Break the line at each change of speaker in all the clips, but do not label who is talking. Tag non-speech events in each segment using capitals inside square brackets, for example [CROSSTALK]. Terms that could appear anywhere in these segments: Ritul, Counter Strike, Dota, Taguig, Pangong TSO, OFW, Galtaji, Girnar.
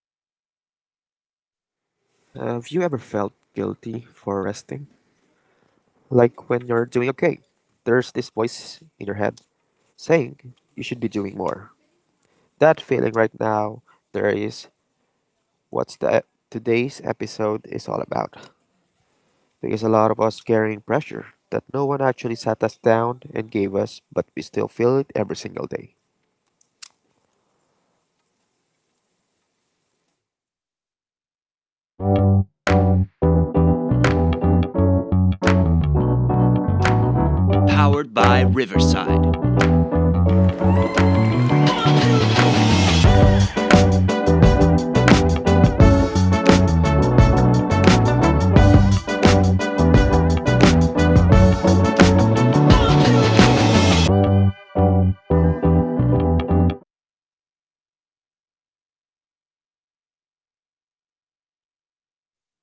Have you ever felt guilty for resting? Like when you're doing okay, there's this voice in your head saying you should be doing more. That feeling right now, there is what's the e-, today's episode is all about. Because a lot of us carrying pressure that no one actually sat us down and gave us, but we still feel it every single day.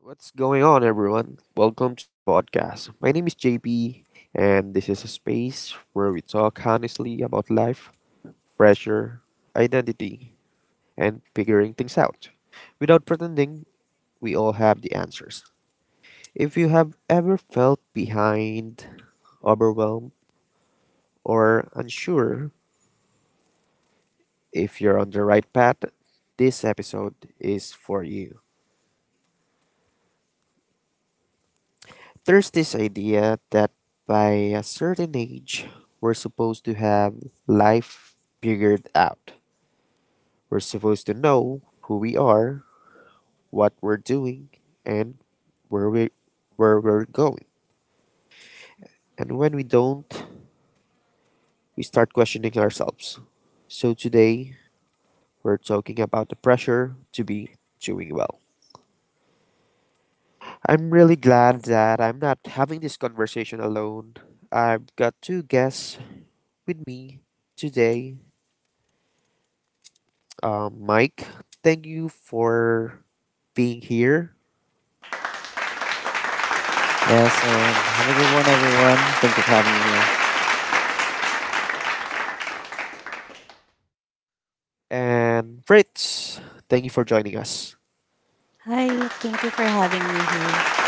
What's going on, everyone? Welcome to the podcast. My name is JP, and this is a space where we talk honestly about life, pressure, identity, and figuring things out. Without pretending, we all have the answers. If you have ever felt behind, overwhelmed, or unsure if you're on the right path, this episode is for you. There's this idea that by a certain age, we're supposed to have life figured out. We're supposed to know who we are, what we're doing, and where we where we're going. And when we don't, we start questioning ourselves. So today, we're talking about the pressure to be doing well. I'm really glad that I'm not having this conversation alone. I've got two guests with me today, Mike, thank you for being here.
Yes, and have a good one, everyone. Thank you for having me here.
And Fritz, thank you for joining us.
Hi, thank you for having me here.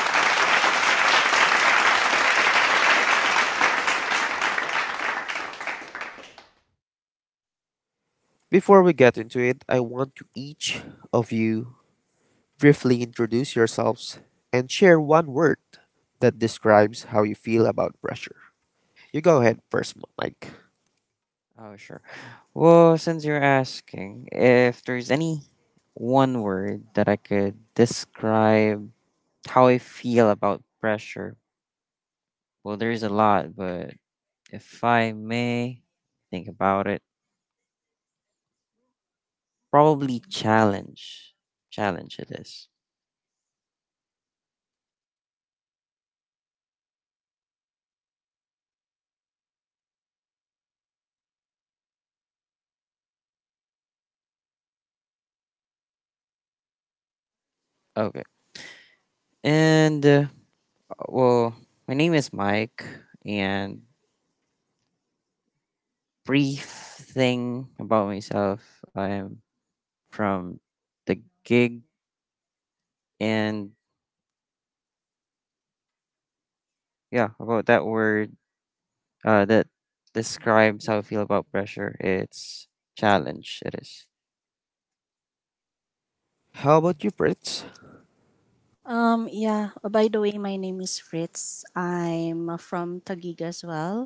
Before we get into it, I want to each of you briefly introduce yourselves and share one word that describes how you feel about pressure. You go ahead first, Mike.
Oh, sure. Well, since you're asking, if there's any one word that I could describe how I feel about pressure, well, there's a lot, but if I may think about it, probably challenge. Challenge it is. Okay. And, uh, well, my name is Mike, and brief thing about myself. I'm from the gig. And yeah about that word, that describes how I feel about pressure, it's challenge it is.
How about you, Fritz?
Yeah, by the way, my name is Fritz. I'm from Taguig as well.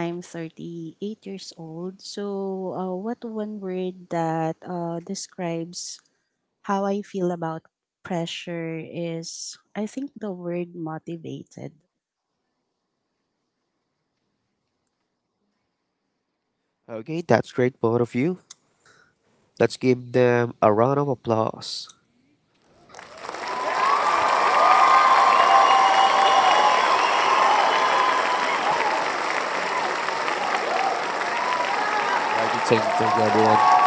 I'm 38 years old. So, what one word that describes how I feel about pressure is, I think, the word motivated.
Okay, that's great, both of you. Let's give them a round of applause. Okay, thank you, everyone.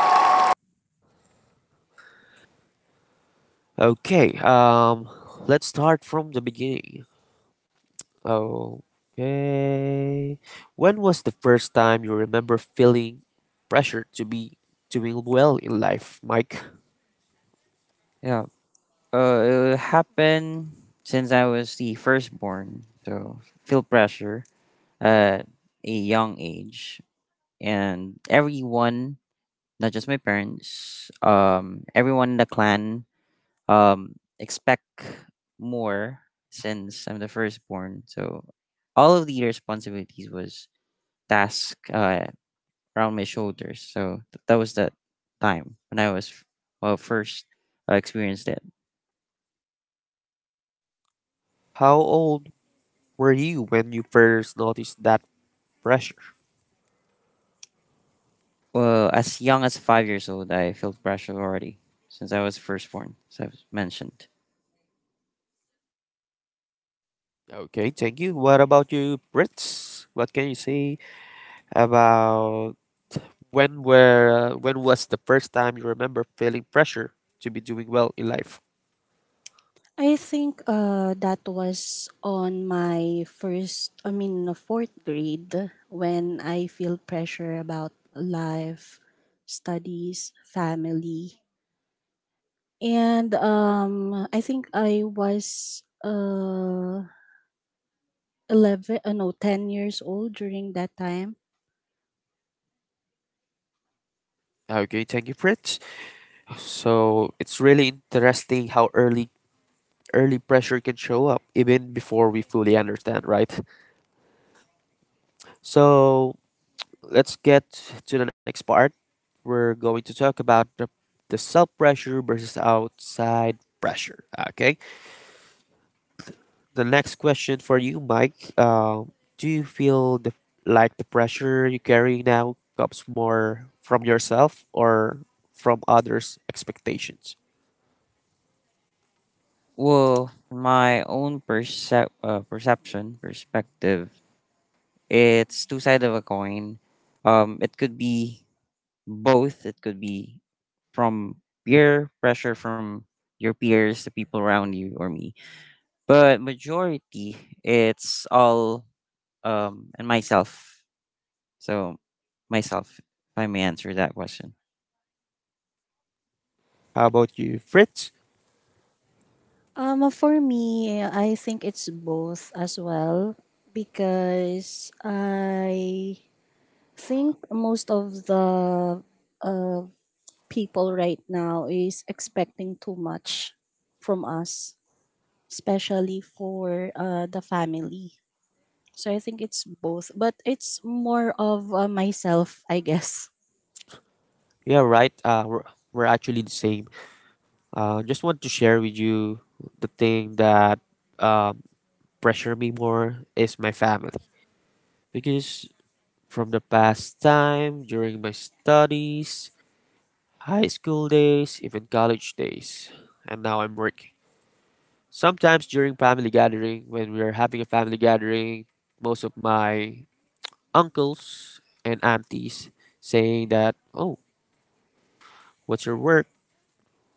Okay, let's start from the beginning. Okay. When was the first time you remember feeling pressure to be doing well in life, Mike?
Yeah. uh it happened since I was the firstborn, so feel pressure at a young age, and everyone, not just my parents, everyone in the clan, expect more since I'm the firstborn. So all of the responsibilities was task, around my shoulders. So that was that time when I was first experienced it.
How old were you when you first noticed that pressure?
Well, as young as 5 years old, I felt pressure already since I was firstborn, as I've mentioned.
Okay, thank you. What about you, Brits? What can you say about when was the first time you remember feeling pressure to be doing well in life?
I think that was on my fourth grade when I feel pressure about life, studies, family. And I think I was 11, no, 10 years old during that time.
Okay, thank you, Brits. So it's really interesting how early pressure can show up even before we fully understand, right? So let's get to the next part. We're going to talk about the self pressure versus outside pressure. Okay. The next question for you, Mike. Do you feel like the pressure you carry now comes more from yourself or from others' expectations?
Well, my own perception, perspective, it's two sides of a coin. It could be both, it could be from peer pressure, from your peers, the people around you or me, but majority it's all, and myself. So myself, if I may answer that question.
How about you, Fritz?
For me, I think it's both as well because I think most of the uh, people right now is expecting too much from us, especially for the family. So I think it's both, but it's more of myself, I guess.
Yeah, right. We're actually the same. Just want to share with you the thing that um, pressure me more is my family, because from the past time during my studies, high school days, even college days, and now I'm working. Sometimes during family gathering, when we are having a family gathering, most of my uncles and aunties saying that, "Oh, what's your work?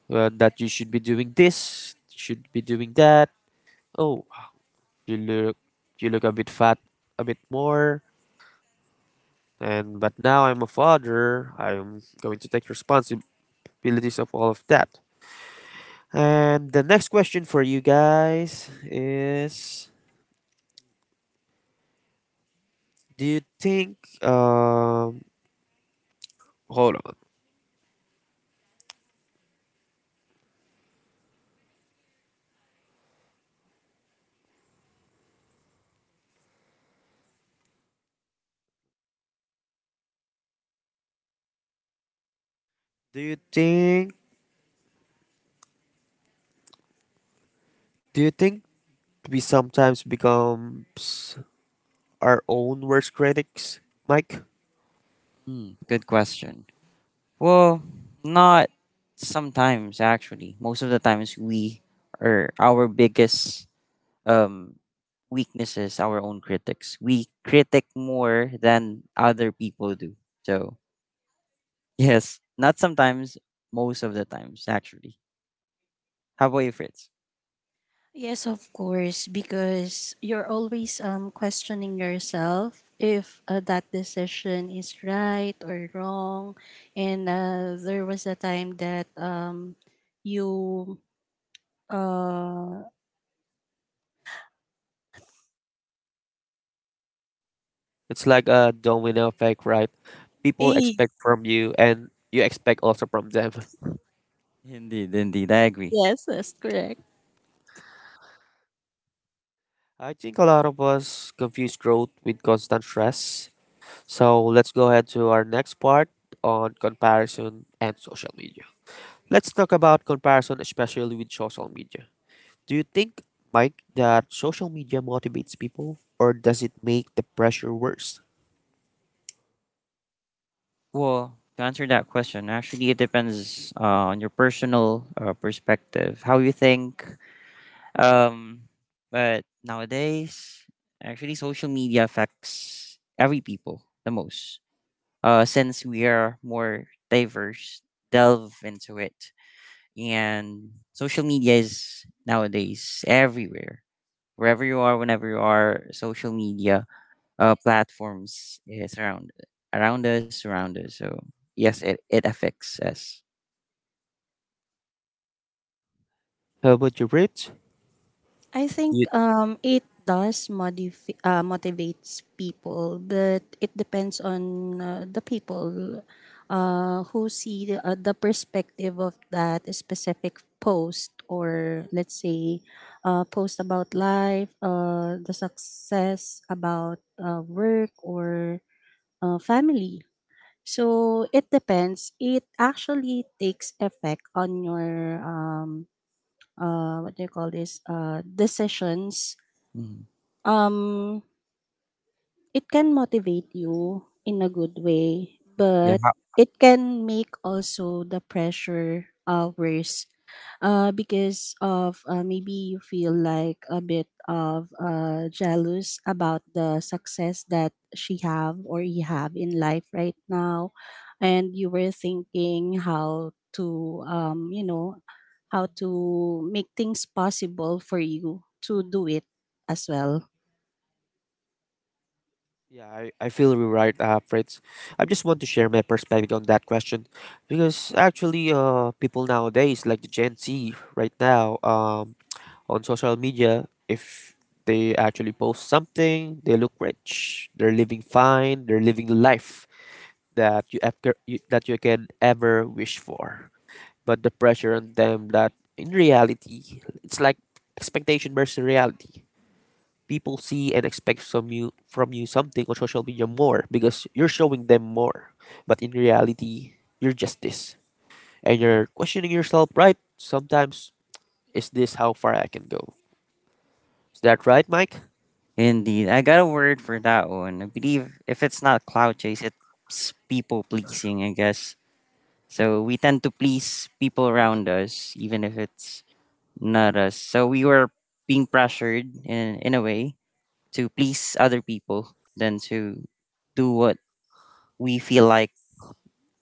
That you should be doing this, should be doing that." Oh, You look you look a bit fat, a bit more, and but now I'm a father. I'm going to take responsibilities of all of that. And the next question for you guys is do you think hold on. Do you think do you think we sometimes become our own worst critics, Mike?
Hmm, good question. Well, not sometimes, actually most of the times we are our biggest, um weaknesses, our own critics. We critic more than other people do. So yes, not sometimes, most of the times, actually. How about you, Fritz?
Yes, of course, because you're always questioning yourself if that decision is right or wrong, and there was a time that you uh
It's like a domino effect, right?
[LAUGHS]
People
eh,
expect from you and you expect also from them. [LAUGHS]
Indeed, indeed, I agree.
yes, that's correct.
I think a lot of us confuse growth with constant stress. So let's go ahead to our next part on comparison and social media. Let's talk about comparison, especially with social media. Do you think, Mike, that social media motivates people or does it make the pressure worse?
Well, to answer that question, actually, it depends, on your personal, perspective, how you think. Um, but nowadays, actually, social media affects every people the most. Since we are more diverse, delve into it, and social media is nowadays everywhere. Wherever you are, whenever you are, social media platforms is around, around us. So yes, it affects us.
How about you, Fritz?
I
Ye-
think it does motivates people, but it depends on the people who see the perspective of that specific post, or let's say post about life, the success about work or family. So it depends. It actually takes effect on your what do you call this decisions.
Mhm.
um, it can motivate you in a good way,
Yeah.
but it can make also the pressure worse because of maybe you feel like a bit of jealous about the success that she have or you have in life right now, and you were thinking how to how to make things possible for you to do it as well.
Yeah, I feel you're right, Fritz. I just want to share my perspective on that question because actually, people nowadays, like the Gen Z right now, on social media, if they actually post something, they look rich, they're living fine, they're living the life that you, ever, you that you can ever wish for. But the pressure on them that in reality, it's like expectation versus reality. People see and expect from you something on social media more because you're showing them more. But in reality, you're just this. And
Mhm.
you're questioning yourself, right? Sometimes is this how far I can go? Is that right, Mike?
Indeed. I got a word for that one. I believe if it's not cloud chase, it's people pleasing, I guess. So we tend to please people around us, even if it's not us. So we were being pressured in a way to please other people than to do what we feel like.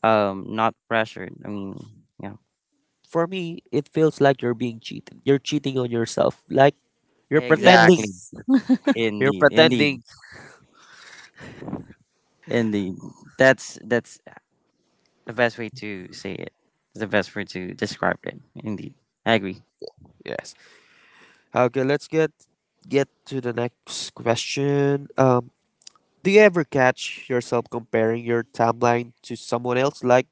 Not pressured, I mean. Yeah,
For me, it feels like you're being cheated. You're cheating on yourself. Like you're pretending.
exactly.
Yes.
You're
Indeed, indeed,
pretending.
indeed. That's the best way to say it, it's the best way to describe it, indeed. I agree.
Yes. Okay, let's get to the next question. Do you ever catch yourself comparing your timeline to someone else? Like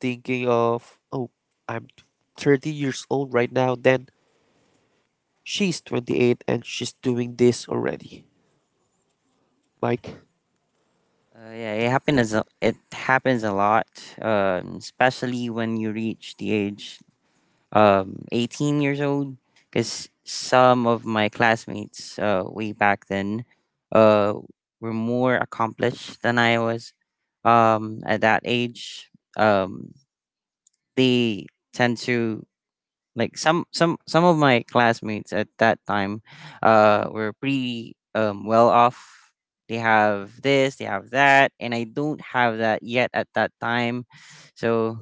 thinking of, oh, I'm 30 years old right now, then she's 28 and she's doing this already. Mike,
Yeah, it happens a lot, especially when you reach the age 18 years old, because some of my classmates, way back then, uh, were more accomplished than I was, at that age. um, they tend to, like, some of my classmates at that time, were pretty well off. They have this, they have that, and I don't have that yet at that time. So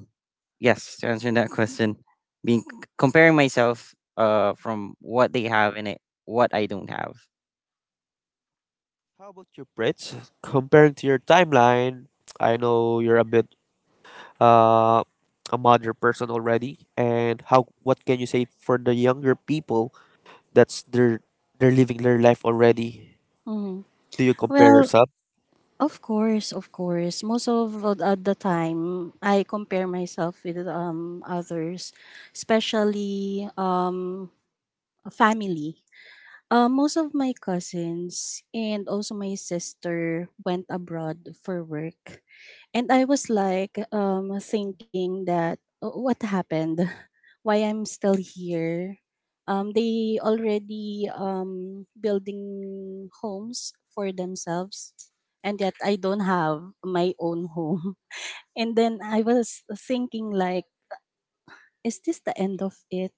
yes, to answer that question, being comparing myself, from what they have, and it what I don't have.
how about your Brits? Comparing to your timeline, I know you're a bit uh, a modern person already, and how what can you say for the younger people that's they're living their life already?
Mm.
Do you compare
Well,
yourself?
of course, of course. Most at the time, I compare myself with others, especially family. Most of my cousins and also my sister went abroad for work. And I was like thinking that, "Oh, what happened? [LAUGHS] Why I'm still here? They already building homes for themselves, and yet I don't have my own home." [LAUGHS] And then I was thinking like, is this the end of it?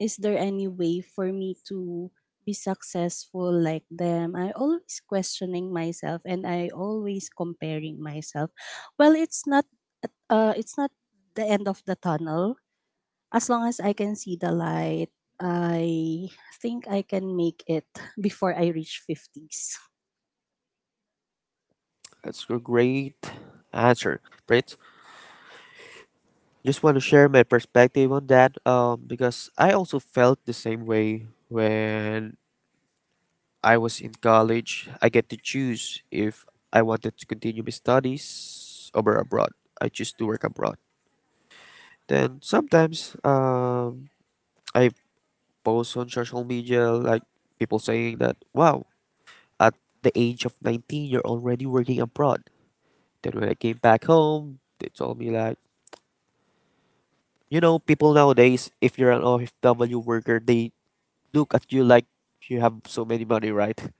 Is there any way for me to be successful like them? I always questioning myself, and I always comparing myself. well it's not it's not the end of the tunnel. As long as I can see the light, I think I can make it [LAUGHS] before I reach 50s.
That's a great answer, right? Just want to share my perspective on that, because I also felt the same way when I was in college. I get to choose if I wanted to continue my studies over abroad. I choose to work abroad. Then sometimes, I posts on social media, like people saying that, wow, at the age of 19, you're already working abroad. Then when I came back home, they told me, like, people nowadays, if you're an OFW worker, they look at you like you have so many money, right? [LAUGHS]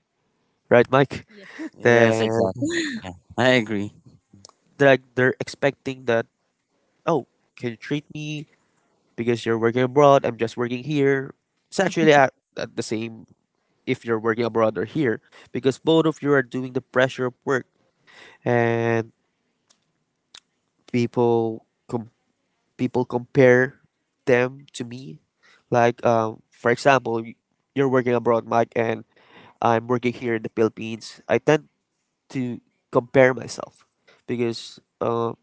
Right, Mike?
Yeah.
Yes,
Then
exactly. Yeah, I agree.
they're, like, they're expecting that, oh, can you treat me because you're working abroad? I'm just working here. It's actually at the same if you're working abroad or here, because both of you are doing the pressure of work. And people com- people compare them to me. Like, for example, you're working abroad, Mike, and I'm working here in the Philippines. I tend to compare myself because,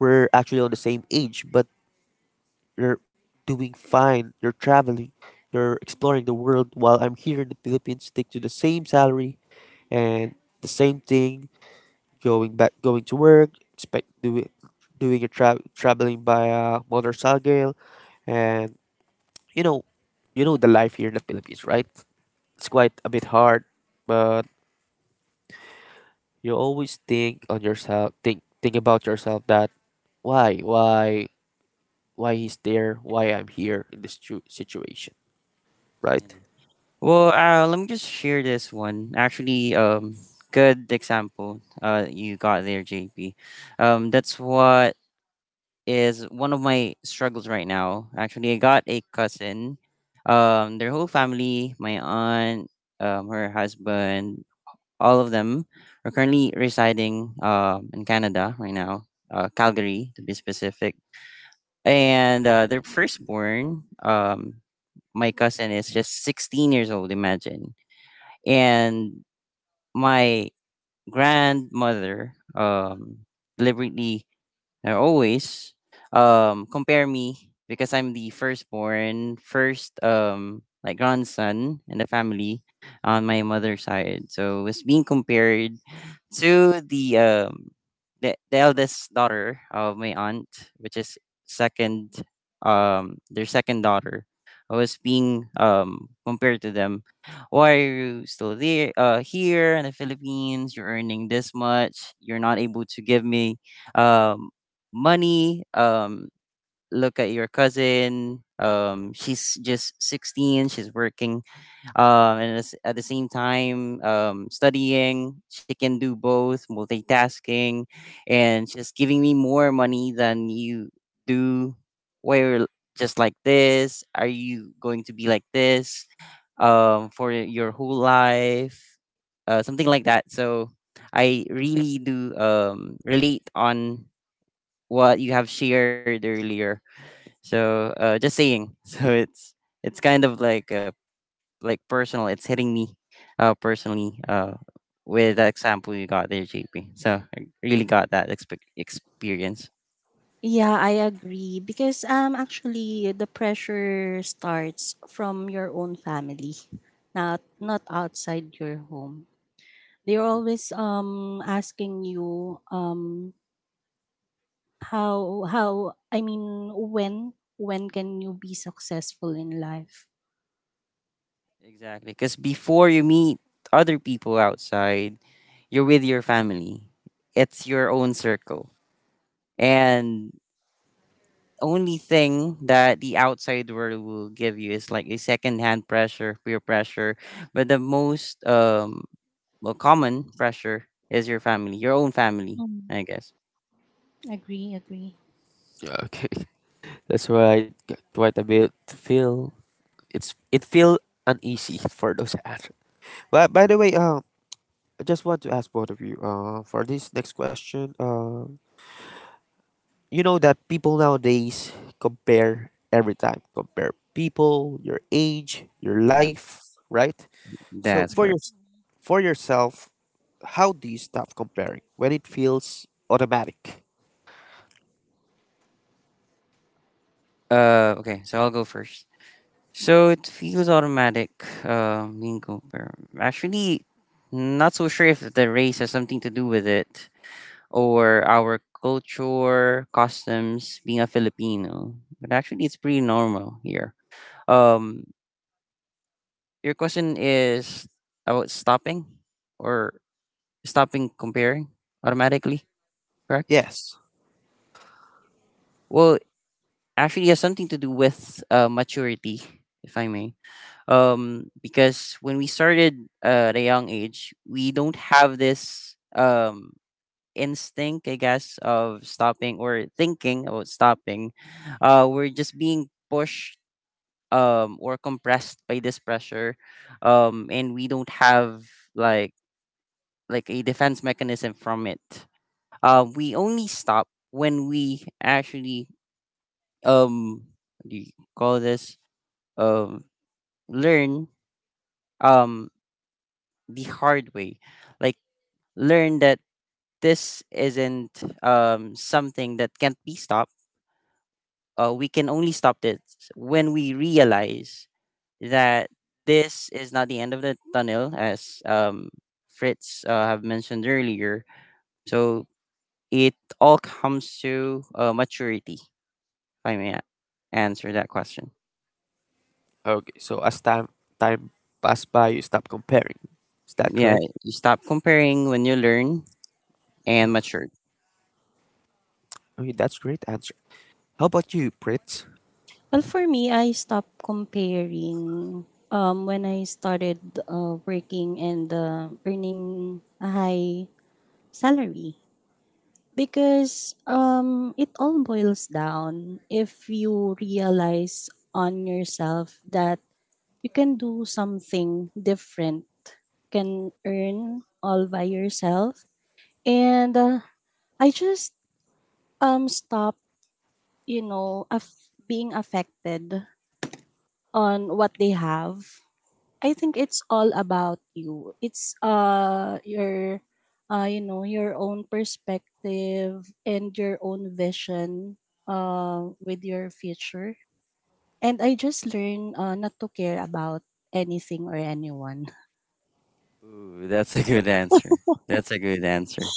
we're actually on the same age, but you're doing fine. You're traveling, you're exploring the world, while I'm here in the Philippines, stick to the same salary and the same thing, going to work, expect doing traveling by a motorcycle, and you know, you know the life here in the Philippines, right? It's quite a bit hard, but you always think on yourself, think about yourself that why why why he's there, why I'm here in this situation, right?
Yeah. Well, let me just share this one. Actually, good example, you got there, JP. That's what is one of my struggles right now. Actually, I got a cousin. Their whole family, my aunt, her husband, all of them are currently residing in Canada right now, Calgary to be specific. And their firstborn, my cousin, is just 16 years old, imagine. And my grandmother deliberately, they always compare me because I'm the firstborn, first like grandson in the family on my mother's side. So it's being compared to the the eldest daughter of my aunt, which is second, their second daughter. I was being compared to them. Why are you still there, here in the Philippines? You're earning this much. You're not able to give me um money. Look at your cousin. She's just 16. She's working. At the same time, studying. She can do both, multitasking, and just giving me more money than you do. Why you're just like this? Are you going to be like this? For your whole life, something like that. So I really do relate on what you have shared earlier. So just saying. [LAUGHS] So it's kind of like, like personal. It's hitting me, personally, with the example you got there, JP. So I really got that experience.
Yeah, I agree, because actually the pressure starts from your own family, not outside your home. They're always asking you how I mean, when can you be successful in life?
Exactly, because before you meet other people outside, you're with your family. It's your own circle, and only thing that the outside world will give you is like a secondhand pressure, peer pressure. But the most common pressure is your family, your own family,
Mm,
I guess.
agree, agree.
Yeah, okay, [LAUGHS] that's right. Got quite a bit feel, it feel uneasy for those [LAUGHS] ads. But by the way, I just want to ask both of you, for this next question. You know that people nowadays compare every time, compare people, your age, your
Yeah,
life, right? So
that's correct.
for yourself, how do you stop comparing when it feels automatic?
Okay, so I'll go first. So it feels automatic. Being compared. Actually, not so sure if the race has something to do with it, or our culture, customs, being a Filipino. But actually, it's pretty normal here. Um, your question is about stopping, or stopping comparing automatically, correct?
Yes.
Well, actually, it has something to do with, maturity, if I may. Because when we started, at a young age, we don't have this, instinct, I guess, of stopping or thinking about stopping. We're just being pushed, or compressed by this pressure, and we don't have like like a defense mechanism from it. We only stop when we actually, um what do you call this um learn, um the hard way, like learn that this isn't, something that can't be stopped. We can only stop this when we realize that this is not the end of the tunnel, as Fritz, have mentioned earlier. So it all comes to, maturity, if I may answer that question.
Okay. So as time pass by, you stop comparing. Is that
Yeah,
correct?
you stop comparing when you learn and mature.
Okay, that's great answer. How about you, Prit?
Well, for me, I stopped comparing when I started working and earning a high salary, because it all boils down if you realize on yourself that you can do something different, can earn all by yourself. And I just stop, you know, being affected on what they have. I think it's all about you. It's your your own perspective and your own vision with your future. And I just learn not to care about anything or anyone.
Ooh, that's a good answer. That's a good answer.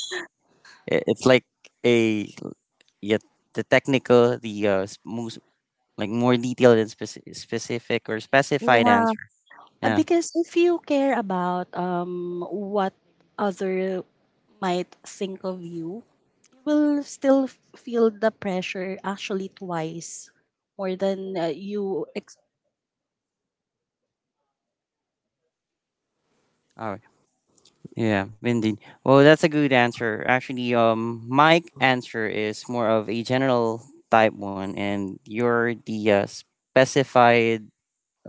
It's like a, yeah, the technical, the, most like more detailed and specific or
[LAUGHS]
specified
Yeah.
answer. Yeah.
Because if you care about what other might think of you, you will still feel the pressure actually twice more than
All right. Yeah, indeed. Well, that's a good answer. Actually, my answer is more of a general type one, and you're the, specified,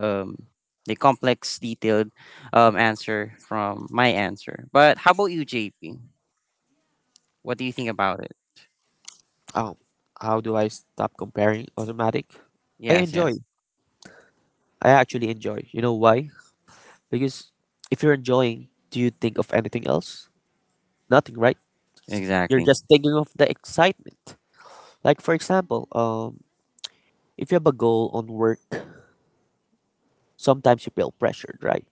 um, the complex, detailed, answer from my answer. But how about you, JP? What do you think about it?
Um, how do I stop comparing automatic? I
Yes,
enjoy
yes,
I actually enjoy. You know why? Because if you're enjoying, do you think of anything else? Nothing, right? You're
exactly.
just thinking of the excitement. Like for example, if you have a goal on work, sometimes you feel pressured, right?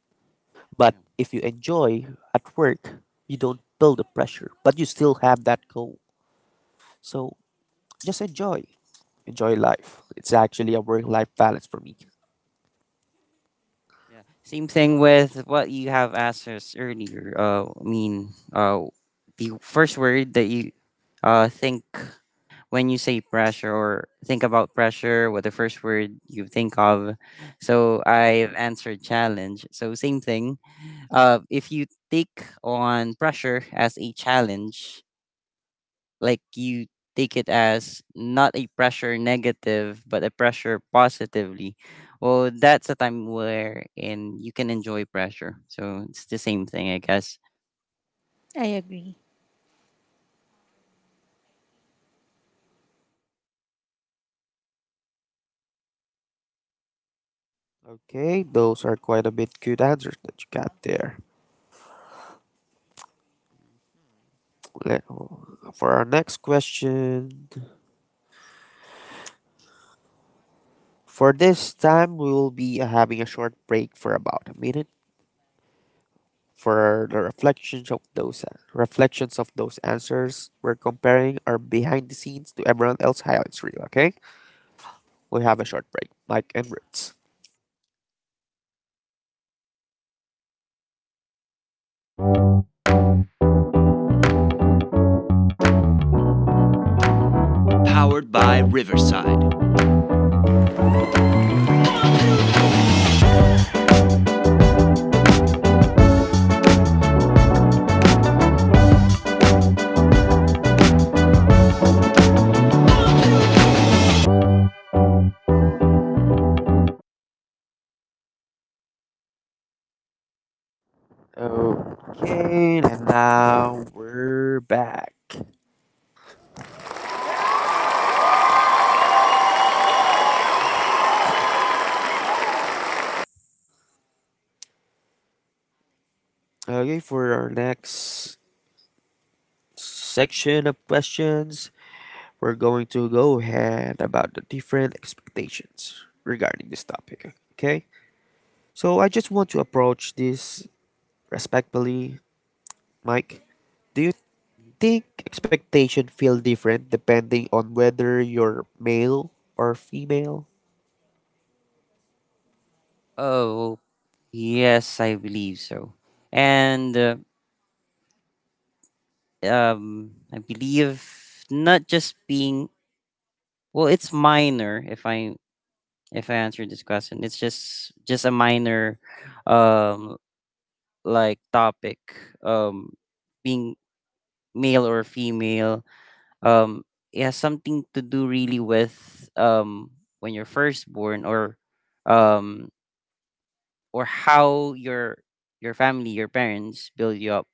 But
Yeah,
if you enjoy at work, you don't feel the pressure, but you still have that goal. So just enjoy. Enjoy life. It's actually a work life balance for me.
yeah. Same thing with what you have asked us earlier. The first word that you, think when you say pressure or think about pressure, what the first word you think of. So I've answered challenge. So same thing. If you take on pressure as a challenge, like you take it as not a pressure negative but a pressure positively, well, that's a time where and you can enjoy pressure, so it's the same thing, I guess.
I agree.
Okay, those are quite a bit good answers that you got there. Let- For our next question, for this time, we will be having a short break for about a minute for the reflections of those answers. We're comparing our behind the scenes to everyone else highlights reel. Okay, we have a short break. Mike and Roots. Okay, and now we're back. Okay, for our next section of questions, we're going to go ahead about the different expectations regarding this topic. Okay, so I just want to approach this respectfully, Mike. Do you think expectation feel different depending on whether you're male or female?
Oh, yes, I believe so. And I believe, not just being, well, it's minor if I answer this question, it's just a minor, um like topic, um being male or female. um it has something to do really with, when you're first born, um or how your family, your parents build you up,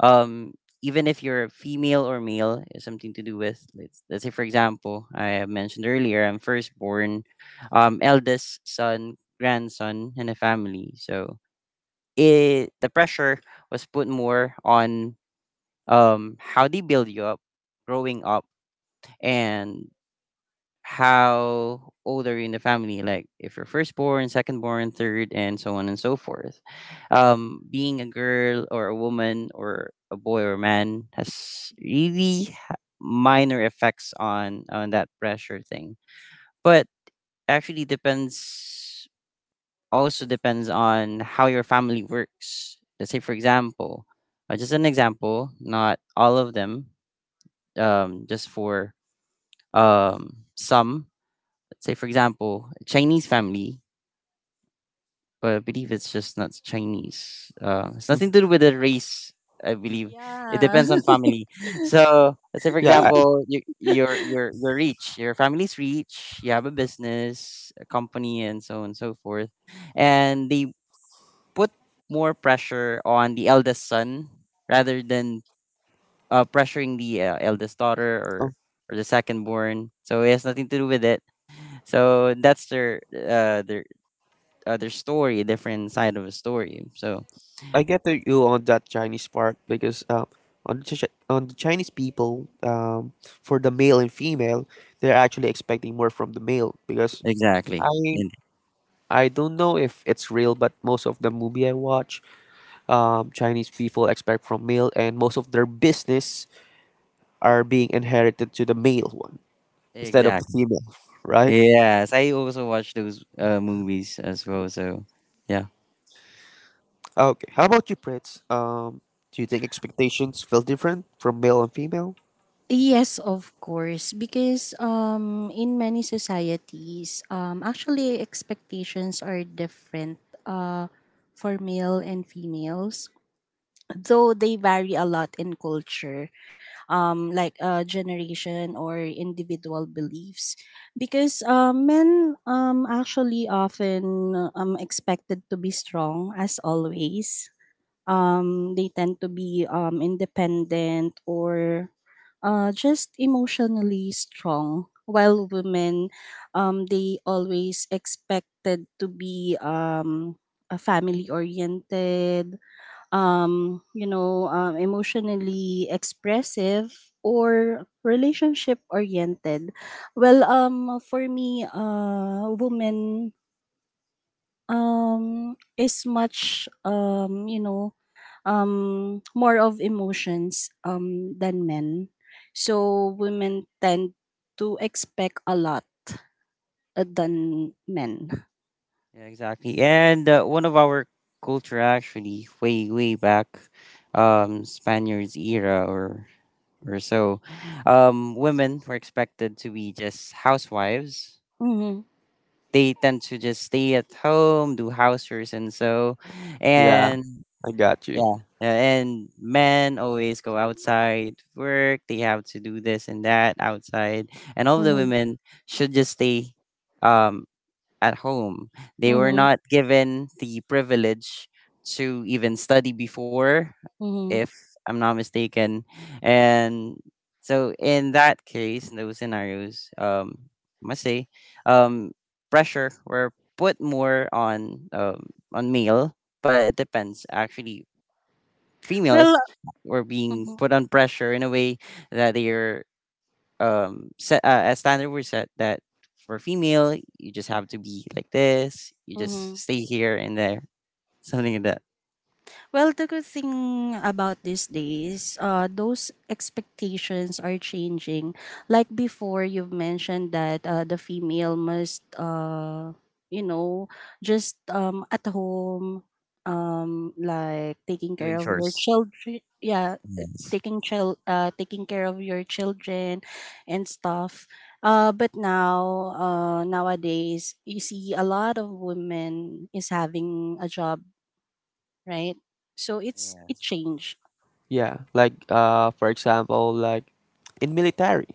um even if you're female or male. It's something to do with, let's say for example I have mentioned earlier, I'm firstborn, eldest son, grandson in a family. So it, the pressure was put more on, how they build you up growing up, and how old are you in the family, like if you're firstborn, secondborn, third, and so on and so forth. Being a girl or a woman or a boy or a man has really minor effects on that pressure thing. But actually depends, also depends on how your family works. Let's say for example, just an example, not all of them, just for some let's say for example a Chinese family. But I believe it's just not Chinese, it's
Mm.
nothing to do with the race, I believe. It
Yeah.
depends on
[LAUGHS]
family. So let's say for
Yeah,
example, you're, you're rich, your family's rich, you have a business, a company, and so on and so forth, and they put more pressure on the eldest son rather than, pressuring the, eldest daughter or
um,
or the second born. So it has nothing to do with it. So that's their, other story, a different side of a story. So
I get to you on that Chinese part because, on the Chinese people, for the male and female, they're actually expecting more from the male because
exactly.
I I don't know if it's real, but most of the movie I watch, Chinese people expect from male, and most of their business are being inherited to the male one instead of the
Exactly.
female, right?
Yes, I also watch those, movies as well. So yeah,
Okay. How about you, Prince? Do you think expectations feel different from male and female?
Yes, of course, because in many societies, actually expectations are different uh for male and females, though they vary a lot in culture, like generation or individual beliefs, because men actually often expected to be strong as always. They tend to be independent or just emotionally strong, while women they always expected to be family oriented, emotionally expressive or relationship oriented. Well, for me, woman is much more of emotions than men. So women tend to expect a lot than men.
yeah, exactly. And one of our culture actually, way way back, Spaniards era or so, women were expected to be just housewives.
Mm-hmm,
They tend to just stay at home, do house chores, and so,
Yeah,
and
I got you.
yeah, yeah, and men always go outside to work. They have to do this and that outside, and all of the
mm-hmm,
women should just stay um, at home. They were
mm-hmm,
not given the privilege to even study before,
mm-hmm.
if I'm not mistaken. And so, in that case, in those scenarios, must say, um, pressure were put more on male, but it depends actually
Well,
females were being
mm-hmm,
put on pressure in a way that they're set a standard were set that for female you just have to be like this, you
mm-hmm.
just stay here and there, something like that.
Well, the good thing about these days, those expectations are changing. Like before, you've mentioned that the female must, you know, just at home, like taking
Doing
care of your
chores,
children. Yeah,
yes.
taking taking care of your children, and stuff. But now, nowadays, you see a lot of women is having a job, right? So it's,
Yeah,
it changed.
Yeah, like for example, like in military,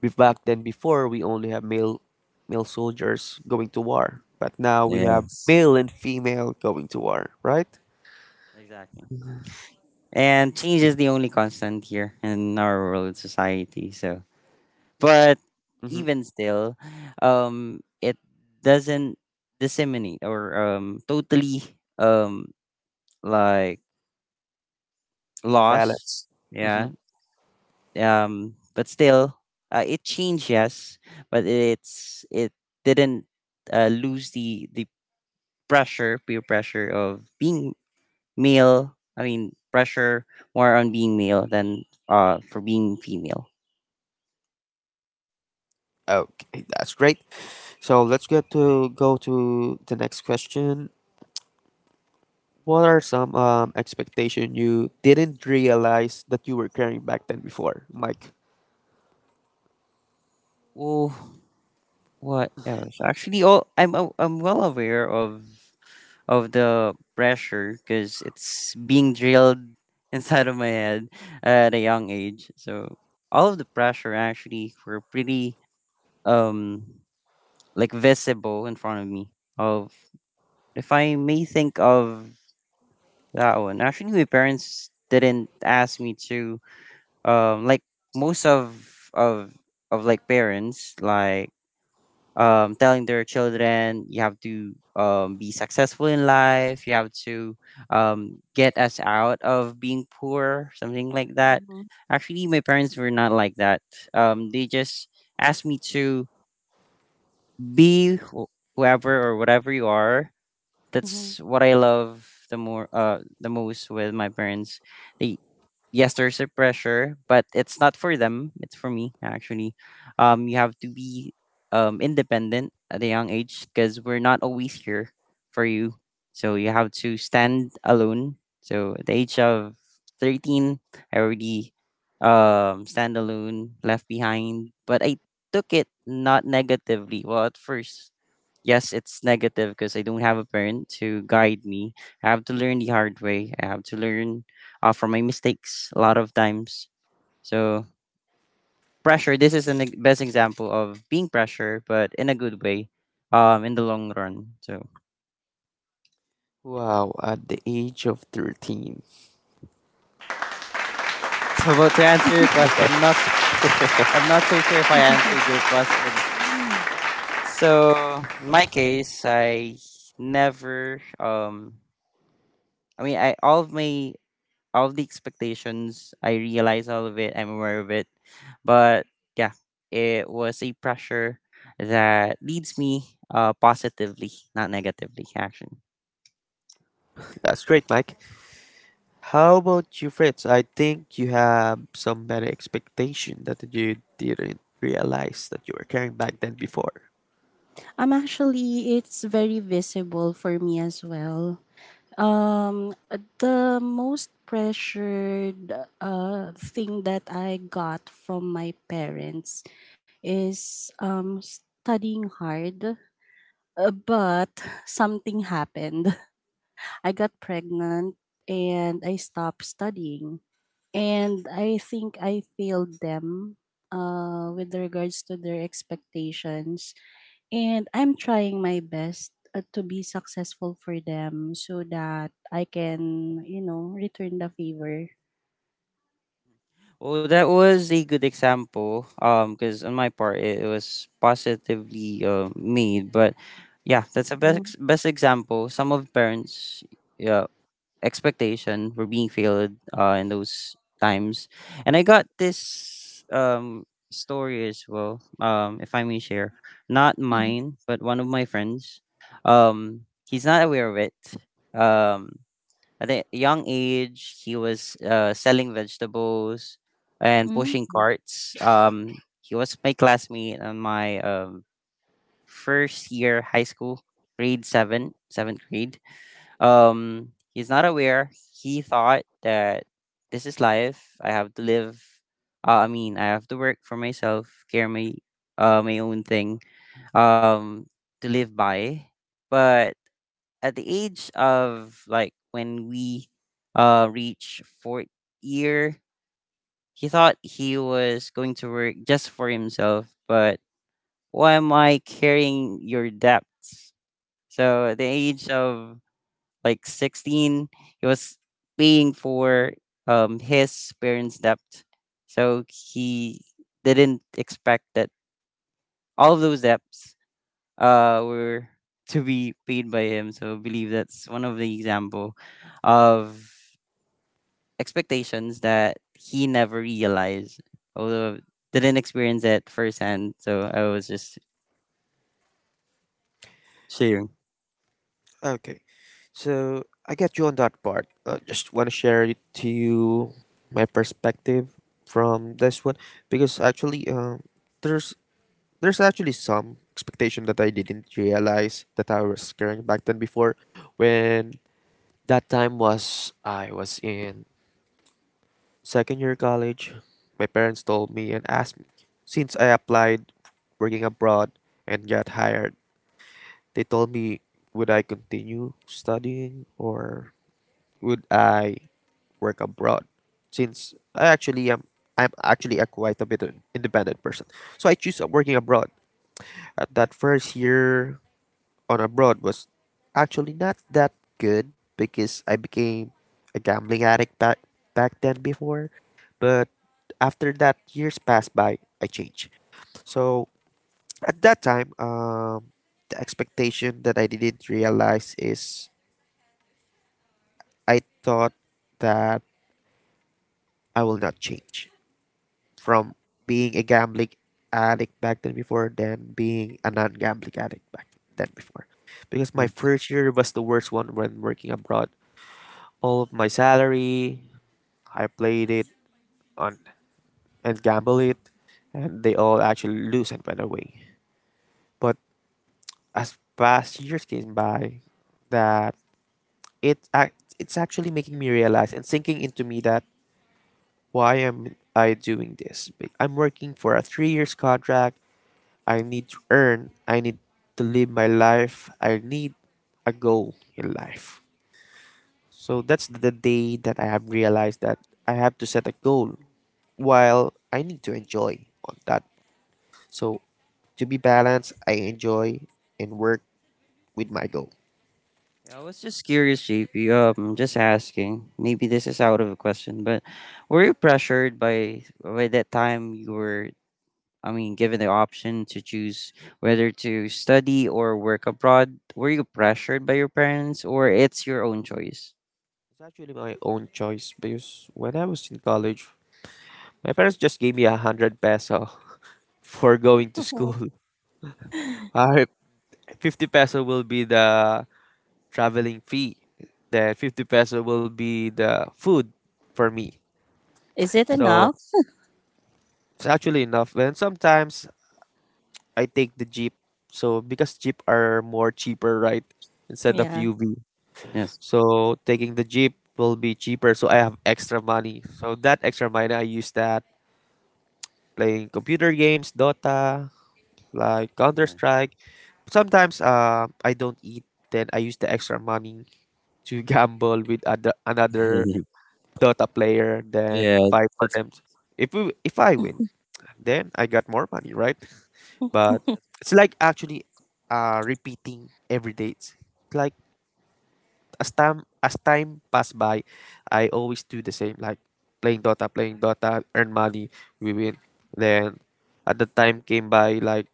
we back then before we only have male soldiers going to war, but now we have
yes,
male and female going to war, right?
exactly, and change is the only constant here in our world society, so
Like
but
mm-hmm.
even still, it doesn't disseminate or totally um like
Being
loss.
balanced. Mm-hmm.
Yeah. But still, it changed. Yes, but it didn't lose the pressure, peer pressure of being male. I mean, pressure more on being male than for being female.
Okay, that's great. So let's get to go to the next question. What are some, expectation you didn't realize that you were carrying back then before, Mike?
Oh, what else? Actually, all I'm well aware of the pressure because it's being drilled [LAUGHS] inside of my head at a young age. So all of the pressure actually were pretty um like visible in front of me. Of if I may think of that one, actually my parents didn't ask me to like most of of like parents like telling their children you have to be successful in life, you have to get us out of being poor, something like that.
Mhm,
Actually my parents were not like that. They just asked me to be whoever or whatever you are.
mhm.
That's what I love the more the most with my parents. They, yes, there's a pressure, but it's not for them. It's for me actually. You have to be independent at a young age because we're not always here for you. So you have to stand alone. So at the age of 13, I already stand alone, left behind. But I took it not negatively. Well, at first yes, it's negative because I don't have a parent to guide me. I have to learn the hard way. I have to learn from my mistakes a lot of times. So pressure. This is the best example of being pressure, but in a good way, in the long run. So.
Wow, at the age of 13.
So, but to answer your question, I'm not, I'm not so sure if I answered
[LAUGHS]
your question. [GASPS] So, in my case, I never. I mean, I all of my all of the expectations. I realize all of it. I'm aware of it. But yeah, it was a pressure that leads me positively, not negatively, actually.
That's great, Mike. How about you, Fritz? I think you have some better expectation that you didn't realize that you were carrying back then before.
Actually, it's very visible for me as well. Um, the most pressured thing that I got from my parents is studying hard, but something happened. [LAUGHS] I got pregnant and I stopped studying, and I think I failed them with regards to their expectations. And I'm trying my best to be successful for them so that I can, you know, return the favor.
Well, that was a good example. Because on my part, it was positively made. But yeah, that's a
Mhm.
best example. Some of parents, yeah, expectation for being failed in those times. And I got this story as well, if I may share. Not
Mhm.
mine, but one of my friends. He's not aware of it. Um, at a young age, he was selling vegetables and pushing
Mhm.
carts. He was my classmate on my first year high school, grade seven, seventh grade. He's not aware. He thought that this is life. I have to live. I mean, I have to work for myself, care my my own thing, um, to live by. But at the age of like when we reach fourth year, he thought he was going to work just for himself. But why am I carrying your debts? So at the age of like 16 he was paying for his parents debt, so he didn't expect that all of those debts were to be paid by him. So I believe that's one of the example of expectations that he never realized, although didn't experience it firsthand. So I was just sharing.
Okay, so I get you on that part. I just want to share it to you my perspective from this one because actually, there's there's actually some expectation that I didn't realize that I was carrying back then before, when that time was I was in second year college. My parents told me and asked me since I applied working abroad and got hired. They told me would I continue studying or would I work abroad since I'm actually a quite a bit of independent person. So I choose working abroad. That first year on abroad was actually not that good because I became a gambling addict back then before. But after that years passed by, I changed. So at that time, the expectation that I didn't realize is I thought that I will not change from being a gambling addict back then before than being a non-gambling addict back then before. Because my first year was the worst one when working abroad. All of my salary, I played it on and gamble it, and they all actually lose and went away. But as past years came by, that it's actually making me realize and sinking into me that why am I doing this? I'm working for a 3 years contract I need to earn. I need to live my life. I need a goal in life. So that's the day that I have realized that I have to set a goal while I need to enjoy on that. So to be balanced, I enjoy and work with my goal.
Yeah, I was just curious, JP. Just asking. Maybe this is out of the question, but were you pressured by that time you were? I mean, given the option to choose whether to study or work abroad, were you pressured by your parents, or it's your own choice?
It's actually my own choice because when I was in college, my parents just gave me 100 peso [LAUGHS] for going to school. [LAUGHS]
[LAUGHS]
Mm.
Uh, 50 peso will be the traveling fee. The 50 peso will be the food for me.
Is it
So
enough?
it's actually enough. And sometimes I take the jeep. So because jeep are more cheaper, right? Instead of
Yeah.
UV.
Yes.
So taking the jeep will be cheaper. So I have extra money. So that extra money I use that playing computer games, Dota, like Counter
Yeah.
Strike. Sometimes I don't eat. Then I use the extra money to [LAUGHS] gamble with other another
[LAUGHS]
Dota player, then
Yeah.
fight for
That's.
them. If I win, then I got more money, right? But it's like actually repeating every day. It's like as time pass by, I always do the same, like playing Dota, earn money, we win. Then at the time came by like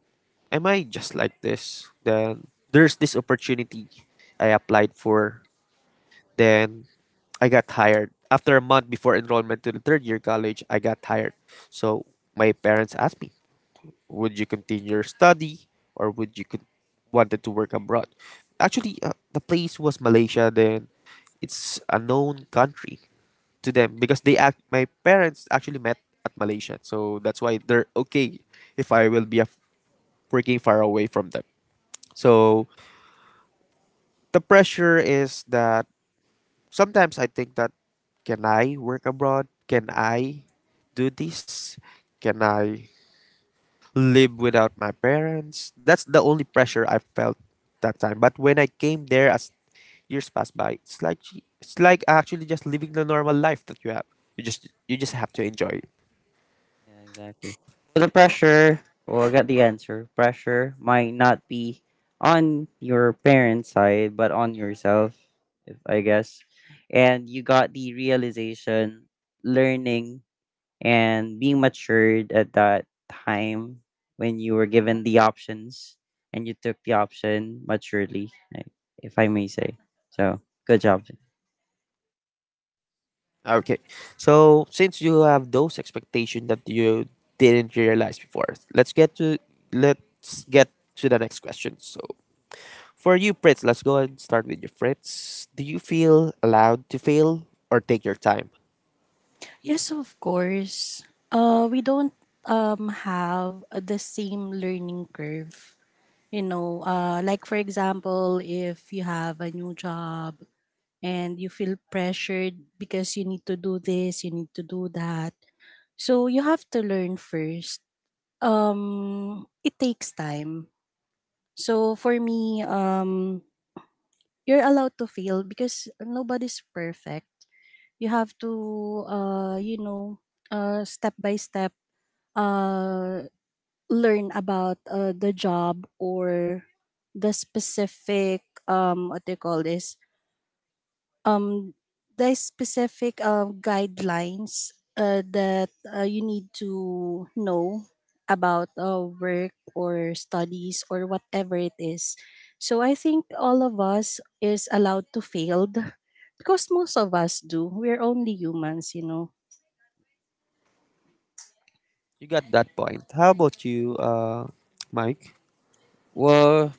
am I just like this? Then there's this opportunity I applied for. Then I got tired. After a month before enrollment to the third year college, I got tired. So my parents asked me, "Would you continue your study, or wanted to work abroad?" Actually, the place was Malaysia. Then it's a known country to them because they act. my parents actually met at Malaysia, so that's why they're okay if I will be working far away from them. So the pressure is that sometimes I think that can I work abroad? Can I do this? Can I live without my parents? That's the only pressure I felt that time. But when I came there, as years passed by, it's like gee, it's like actually just living the normal life that you have. You just have to enjoy it.
Yeah, exactly. So the pressure, well, I got the answer. Pressure might not be on your parents' side, but on yourself, if I guess. And you got the realization, learning, and being matured at that time when you were given the options and you took the option maturely, like, if I may say. So, good job.
Okay, so since you have those expectations that you didn't realize before, let's get to let's get to the next question. So, for you, Fritz, let's go and start with you, Fritz. Do you feel allowed to fail or take your time?
Yes, of course. We don't have the same learning curve. You know, like for example, if you have a new job and you feel pressured because you need to do this, you need to do that. So you have to learn first. It takes time. So for me, you're allowed to fail because nobody's perfect. You have to, step by step, uh, learn about the job or the specific, what do you call this, um the specific guidelines that you need to know about work or studies or whatever it is. So I think all of us is allowed to fail, because most of us do. We're only humans, you know.
You got that point. How about you, Mike?
Well,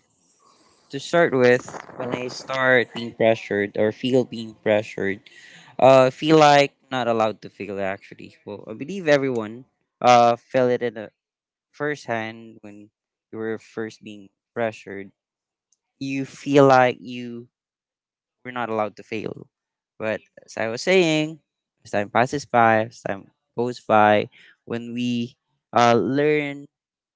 to start with, when I start being pressured or feel being pressured, feel like not allowed to feel actually. Well, I believe everyone felt it in the first hand when you were first being pressured. You feel like you we're not allowed to fail. But as I was saying, as time passes by, as time goes by, when we learn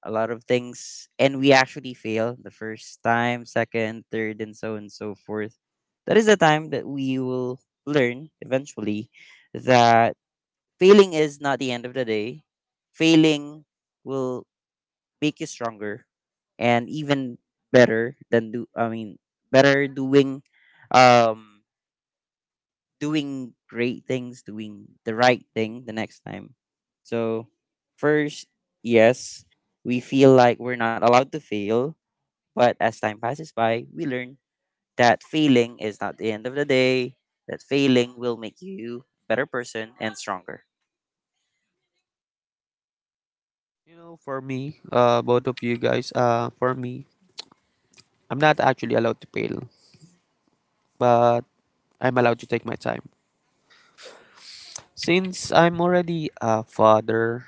a lot of things and we actually fail the first time, second, third, and so on and so forth, that is the time that we will learn eventually that failing is not the end of the day. Failing will make you stronger and even better than do I mean better doing um doing great things, doing the right thing the next time. So, first, yes, we feel like we're not allowed to fail, but as time passes by, we learn that failing is not the end of the day, that failing will make you a better person and stronger.
You know, for me, both of you guys, for me, I'm not actually allowed to fail, but I'm allowed to take my time. Since I'm already a father,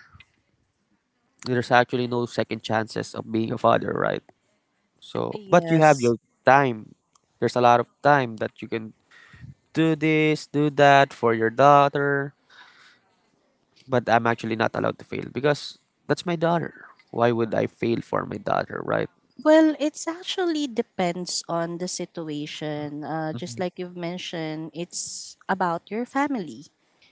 there's actually no second chances of being a father, right? So, but you have
Yes.
your time. There's a lot of time that you can do this, do that for your daughter, but I'm actually not allowed to fail because that's my daughter. Why would I fail for my daughter, right?
Well, it's actually depends on the situation. Just
Hmm.
like you've mentioned, it's about your family.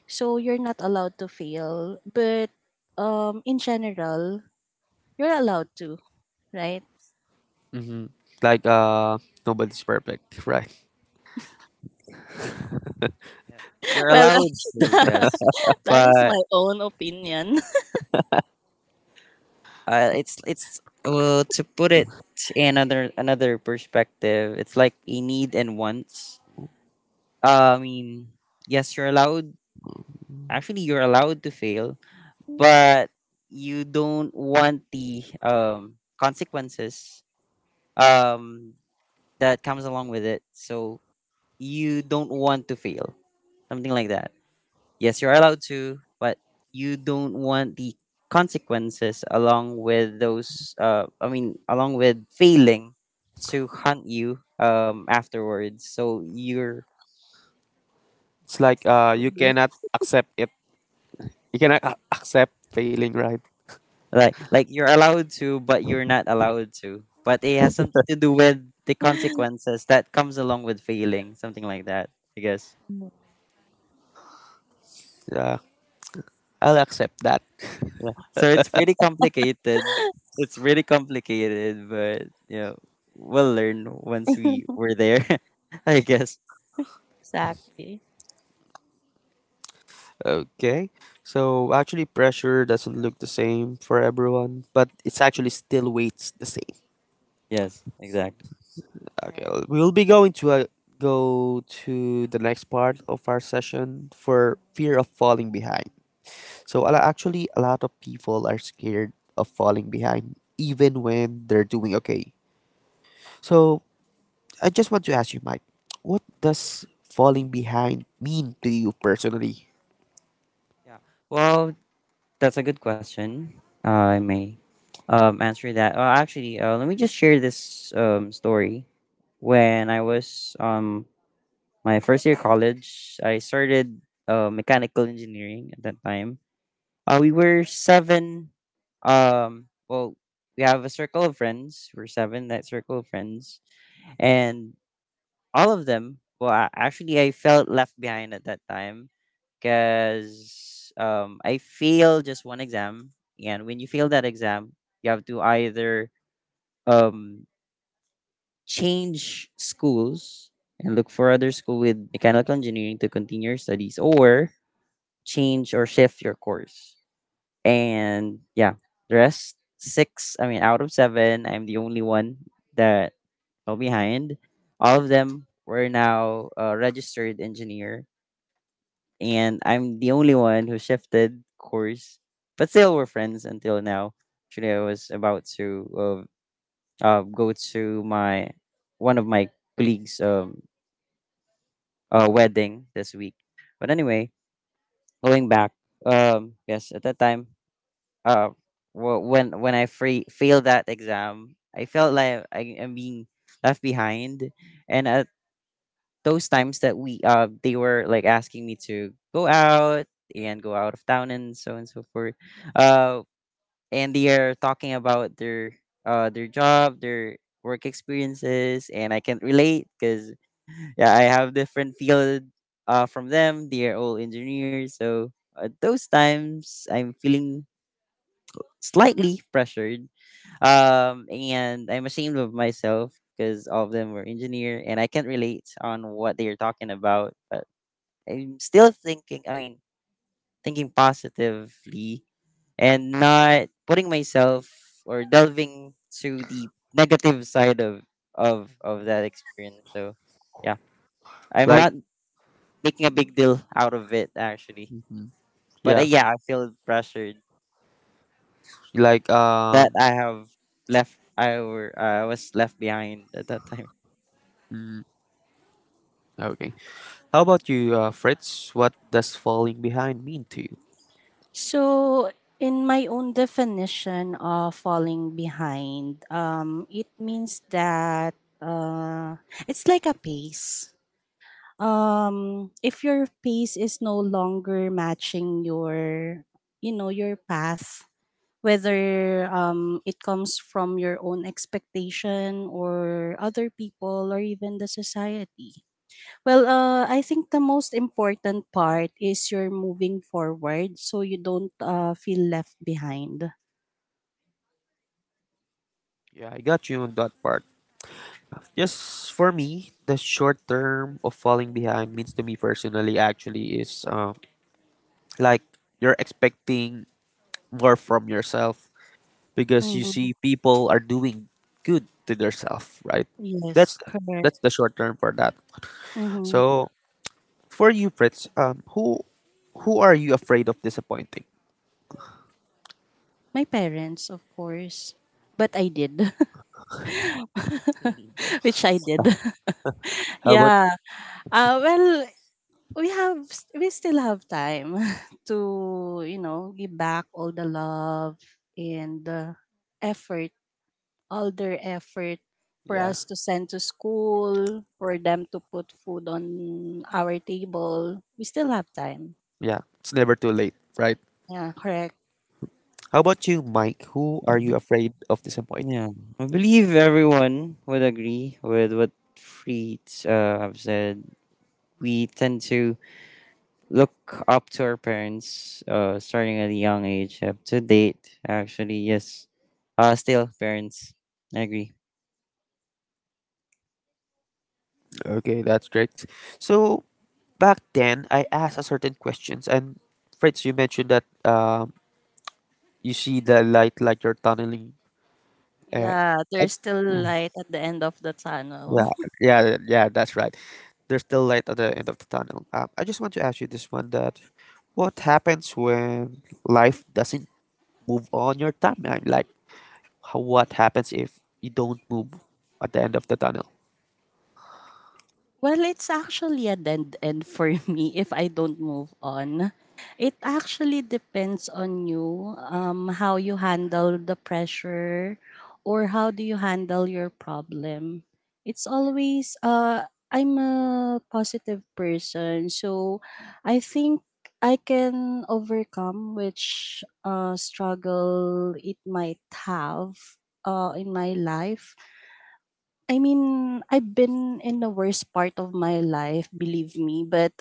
So you're not allowed to fail, but in general, you're allowed to, right?
Hmm. Like, nobody's perfect, [LAUGHS] right?
Yeah.
[LAUGHS]
You're
Well,
allowed
[LAUGHS]
to, yes,
that is
but
my own opinion.
it's well to put it in another perspective, it's like a need and wants. I mean, yes, you're allowed Actually, you're allowed to fail, but you don't want the consequences um, that comes along with it. So you don't want to fail, something like that. Yes, you're allowed to, but you don't want the consequences along with those. I mean, along with failing to hunt you afterwards. So you're
It's
[LAUGHS]
like,
Exactly.
you cannot accept it. You cannot accept failing, right?
like you're allowed to, but you're not allowed to. But it has something to do with the consequences that comes along with failing, something like that, I guess.
Yeah, I'll accept that. [LAUGHS]
Yeah. So it's pretty complicated. It's really complicated, but you know, we'll learn once we were there, [LAUGHS] I guess.
Exactly.
Okay. So actually, pressure doesn't look the same for everyone, but it's actually still weights the same.
Yes, exactly.
Okay,
Right.
we'll be going to go to the next part of our session for fear of falling behind. So actually, a lot of people are scared of falling behind, even when they're doing okay. So I just want to ask you, Mike, what does falling behind mean to you personally?
Yeah. Well, that's a good question. I may answer that. Actually, let me just share this story when I was my first year college, I started mechanical engineering at that time. We were seven. Well, we have a circle of friends. We're seven, that circle of friends. And all of them, well, I, actually, I felt left behind at that time because I failed just one exam. And when you fail that exam, you have to either um, change schools and look for other school with mechanical engineering to continue your studies, or change or shift your course. And yeah, the rest six, I mean, out of seven, I'm the only one that fell behind. All of them were now a registered engineer, and I'm the only one who shifted course. But still, we're friends until now. Actually, I was about to go to my one of my colleagues' wedding this week. But anyway, going back, yes, at that time, uh, when failed that exam, I felt like I am being left behind. And at those times that they were like asking me to go out and go out of town and so on and so forth. Uh, and they are talking about their job, their work experiences, and I can relate because yeah, I have different field from them. They are all engineers, so at those times I'm feeling slightly pressured. And I'm ashamed of myself because all of them were engineer, and I can't relate on what they are talking about. But I'm still thinking. I mean, thinking positively and not putting myself or delving to the negative side of of that experience. So yeah, I'm
Like,
not making a big deal out of it actually.
mhm,
But
yeah,
yeah, I feel pressured
like,
that I have left. I were I was left behind at that time. [LAUGHS]
mm, okay. How about you, Fritz? What does falling behind mean to you?
So, in my own definition of falling behind, it means that uh, it's like a pace. If your pace is no longer matching your, you know, your path, whether it comes from your own expectation or other people or even the society, I think the most important part is you're moving forward, so you don't feel left behind.
Yeah, I got you on that part. Yes, for me, the short term of falling behind means to me personally actually is like you're expecting more from yourself because you
Mm-hmm.
see people are doing good to themselves, right?
Yes,
That's
correct.
that's the short term for that.
Mm-hmm.
So for you, Fritz, who are you afraid of disappointing?
My parents, of course. But I did
Mhm.
[LAUGHS] which I did. [LAUGHS]
How about
Yeah. Well, we have, we still have time [LAUGHS] to, you know, give back all the love and the effort, all their effort, for
yeah,
us to send to school, for them to put food on our table. We still have time.
yeah, it's never too late, right?
Yeah, correct.
How about you, Mike? Who are you afraid of disappointing?
Yeah, I believe everyone would agree with what Freed have said. We tend to look up to our parents starting at a young age up to date, actually. Yes, still parents, I agree.
Okay, that's great. So back then, I asked a certain questions, and Fritz, you mentioned that you see the light like you're tunneling. Uh,
Yeah, there's still
I-
light at the end of the
Yeah,
tunnel.
yeah, yeah, yeah, that's right. There's still light at the end of the tunnel. I just want to ask you this one that what happens when life doesn't move on your timeline? Like, what happens if you don't move at the end of the tunnel?
Well, it's actually a dead end for [LAUGHS] me if I don't move on. It actually depends on you, how you handle the pressure or how do you handle your problem. It's always, I'm a positive person, so I think I can overcome which struggle it might have in my life. I mean, I've been in the worst part of my life, believe me, but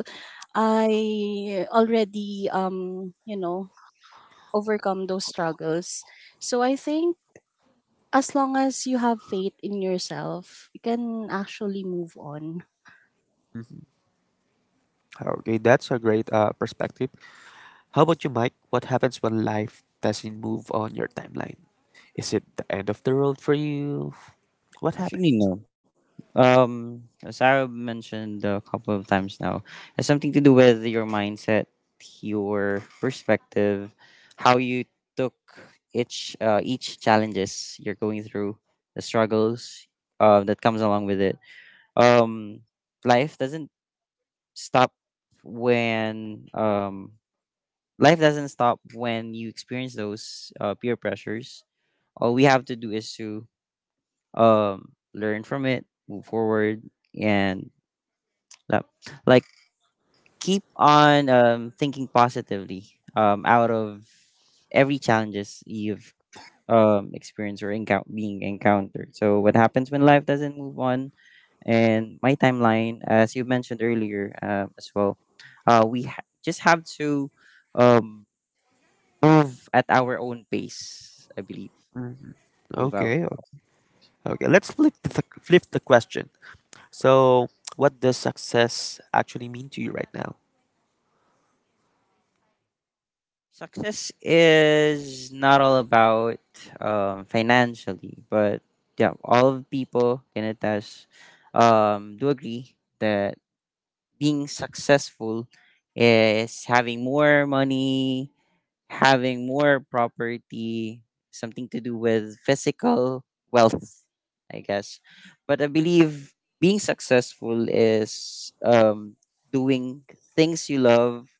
I already, you know, overcome those struggles. So I think as long as you have faith in yourself, you can actually move on.
Mhm. Okay, that's a great perspective. How about you, Mike? What happens when life doesn't move on your timeline? Is it the end of the world for you? What happened?
Actually no, as I mentioned a couple of times now, has something to do with your mindset, your perspective, how you took each challenges you're going through, the struggles that comes along with it. um life doesn't stop when life doesn't stop when you experience those peer pressures. All we have to do is to learn from it, move forward, and uh, like keep on thinking positively, out of every challenges you've experienced or being encountered. So what happens when life doesn't move on? And my timeline, as you mentioned earlier, as well, just have to um, move at our own pace, I believe.
Mhm.
Move out.
Okay, okay. Let's flip the question. So, what does success actually mean to you right now?
Success is not all about financially, but yeah, all of people can attest, do agree that being successful is having more money, having more property, something to do with physical wealth, I guess. But I believe being successful is doing things you love,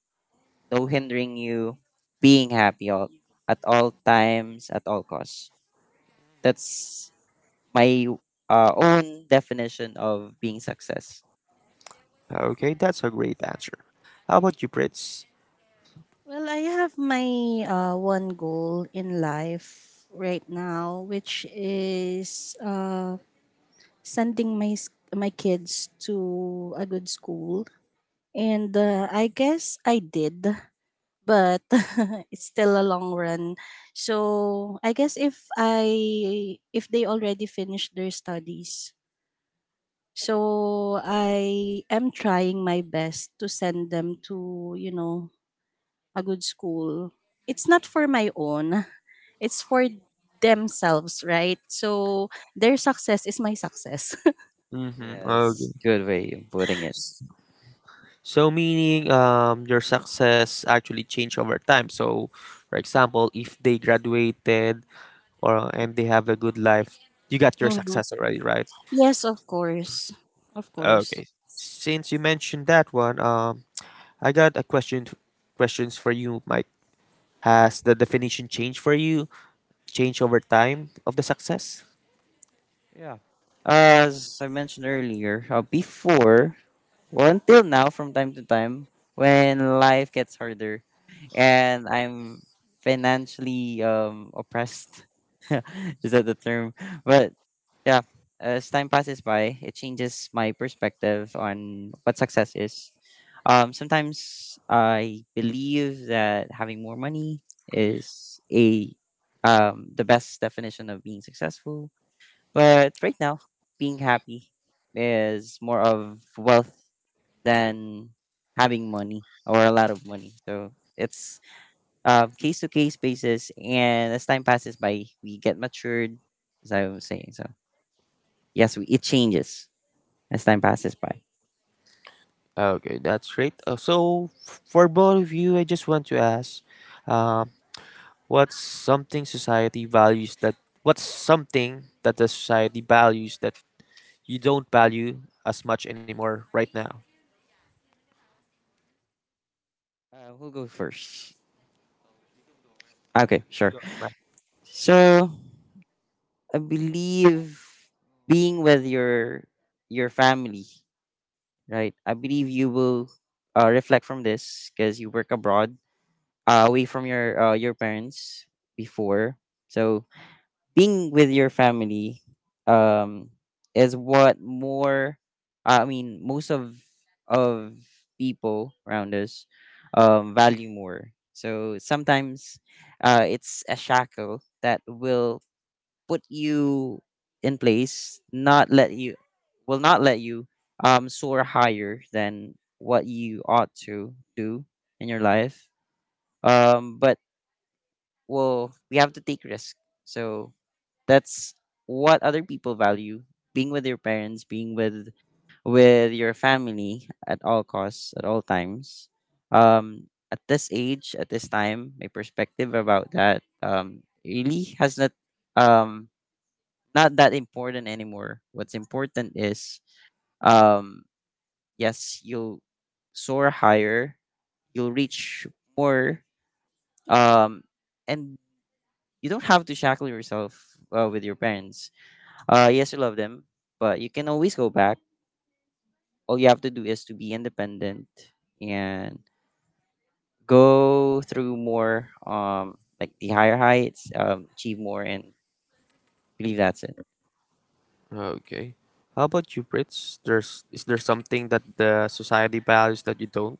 no hindering you, being happy all, at all times, at all costs. That's my own definition of being success.
Okay, that's a great answer. How about you, Prince?
Well, I have my one goal in life right now, which is sending my my kids to a good school, and I guess I did, but [LAUGHS] it's still a long run. So I guess if they already finished their studies, so I am trying my best to send them to, you know, a good school. It's not for my own. It's for themselves, right? So their success is my success. [LAUGHS]
Mm-hmm. Okay.
Yes, good way of putting it.
So, meaning your success actually changed over time. So, for example, if they graduated or and they have a good life, you got your
Mhm.
success already, right?
Yes, of course, of course.
Okay. Since you mentioned that one, I got a question. Questions for you, Mike. Has the definition changed for you? Changed over time of the success?
Yeah. As I mentioned earlier, before. Well, until now, from time to time, when life gets harder and I'm financially oppressed, [LAUGHS] is that the term? But yeah, as time passes by, it changes my perspective on what success is. Sometimes I believe that having more money is a the best definition of being successful. But right now, being happy is more of wealth than having money or a lot of money. So it's case to case basis, and as time passes by, we get matured, as I was saying. So yes, it changes as time passes by.
Okay, that's great. So, for both of you, I just want to ask, um, what's something society values that what's something that the society values that you don't value as much anymore right now?
Who goes first? Okay, sure.
Don't
So I believe being with your family, right? I believe you will reflect from this because you work abroad, away from your parents before. So being with your family, um, is what more. I mean, most of of people around us value more. So sometimes, it's a shackle that will put you in place, not let you, will not let you soar higher than what you ought to do in your life. But well, we have to take risk. So that's what other people value: being with your parents, being with your family at all costs, at all times. At this age, at this time, my perspective about that really has not, um, not that important anymore. What's important is, um yes, you'll soar higher, you'll reach more, um and you don't have to shackle yourself with your parents. Yes, you love them, but you can always go back. All you have to do is to be independent and go through more, like the higher heights, achieve more, and believe that's it.
ma- Okay. How about you, Brits? There's is there something that the society values that you don't?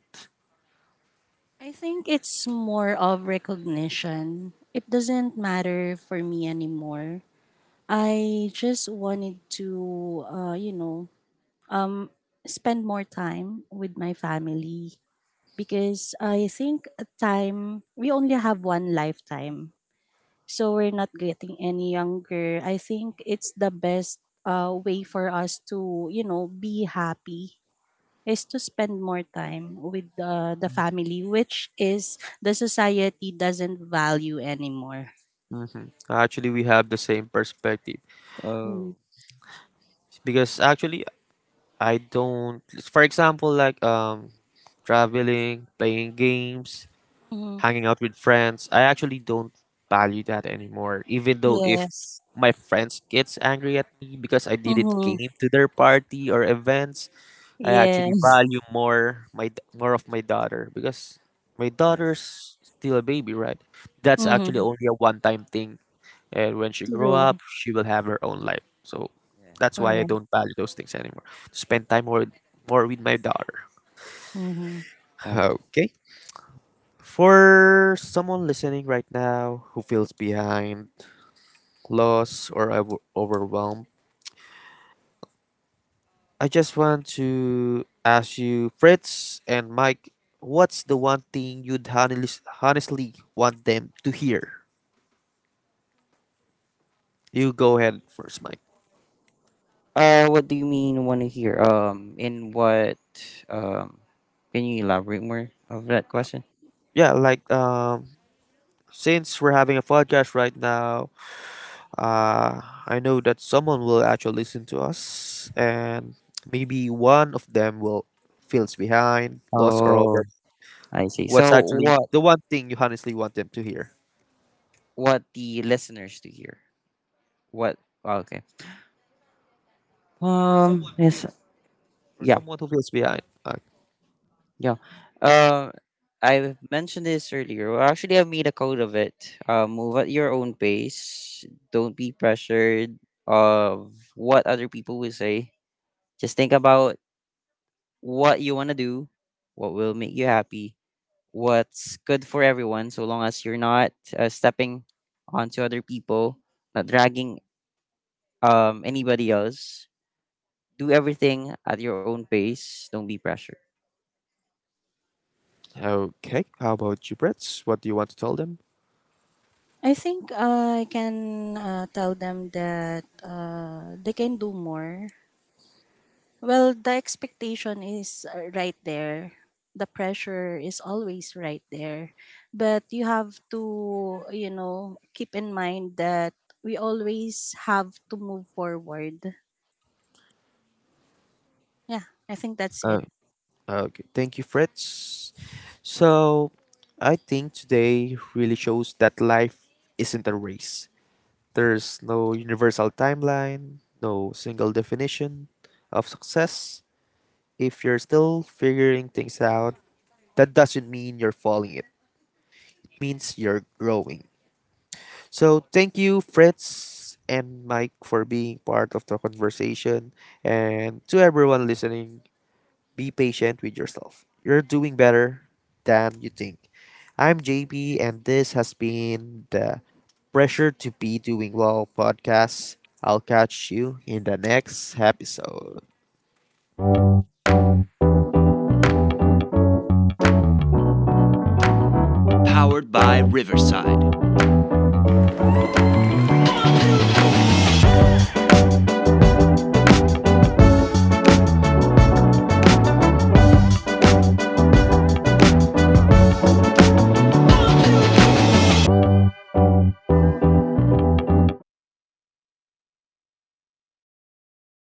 I think it's more of recognition. It doesn't matter for me anymore. I just wanted to, um, spend more time with my family, because I think a time we only have one lifetime, so we're not getting any younger. I think it's the best way for us to, you know, be happy, is to spend more time with the family, which is the society doesn't value anymore.
Mm-hmm. Actually, we have the same perspective
Oh,
because actually, I don't. For example, like, traveling, playing games,
Mm-hmm.
hanging out with friends. I actually don't value that anymore. Even though if
Yes.
my friends gets angry at me because I didn't
Mm-hmm.
came to their party or events, I actually
Yes.
value more more of my daughter because my
yes.
daughter's still a baby, right? That's actually
Mm-hmm.
only a one time thing, and when she grow
True.
up, she will have her own life. So that's why I
Correct.
don't value those things anymore. Spend time more with my daughter.
Mm-hmm.
Yeah.
[LAUGHS] Okay. For someone listening right now who feels behind, lost, or overwhelmed, I just want to ask you, Fritz and Mike, what's the one thing you'd honestly want them to hear? You go ahead first, Mike.
What do you mean want to hear? In what? Um, can you elaborate more of that
Uh,
question?
yeah, like, since we're having a podcast right now, uh, I know that someone will actually listen to us, and maybe one of them will feels behind, lost, or over.
Oh, I see.
What's
So
actually
what?
the one thing you honestly want them to hear
What the listeners to hear? What? Oh, Okay. Yes.
for
Yeah.
someone who feels behind.
Yeah. Um. I mentioned this earlier. Well, actually, I made a code of it. Move at your own pace. Don't be pressured of what other people will say. Just think about what you want to do, what will make you happy, what's good for everyone, so long as you're not stepping onto other people, not dragging anybody else. Do everything at your own pace. Don't be pressured.
Okay, how about you, Fritz? What do you want to tell them?
I think I can tell them that they can do more. Well, the expectation is right there. The pressure is always right there. But you have to, you know, keep in mind that we always have to move forward. Yeah, I think that's
Uh,
it.
okay, thank you, Fritz. So, I think today really shows that life isn't a race. There's no universal timeline, no single definition of success. If you're still figuring things out, that doesn't mean you're falling. It means you're growing. So thank you, Fritz and Mike, for being part of the conversation. And to everyone listening, be patient with yourself. You're doing better than you think. I'm JP, and this has been the Pressure to Be Doing Well podcast. I'll catch you in the next episode.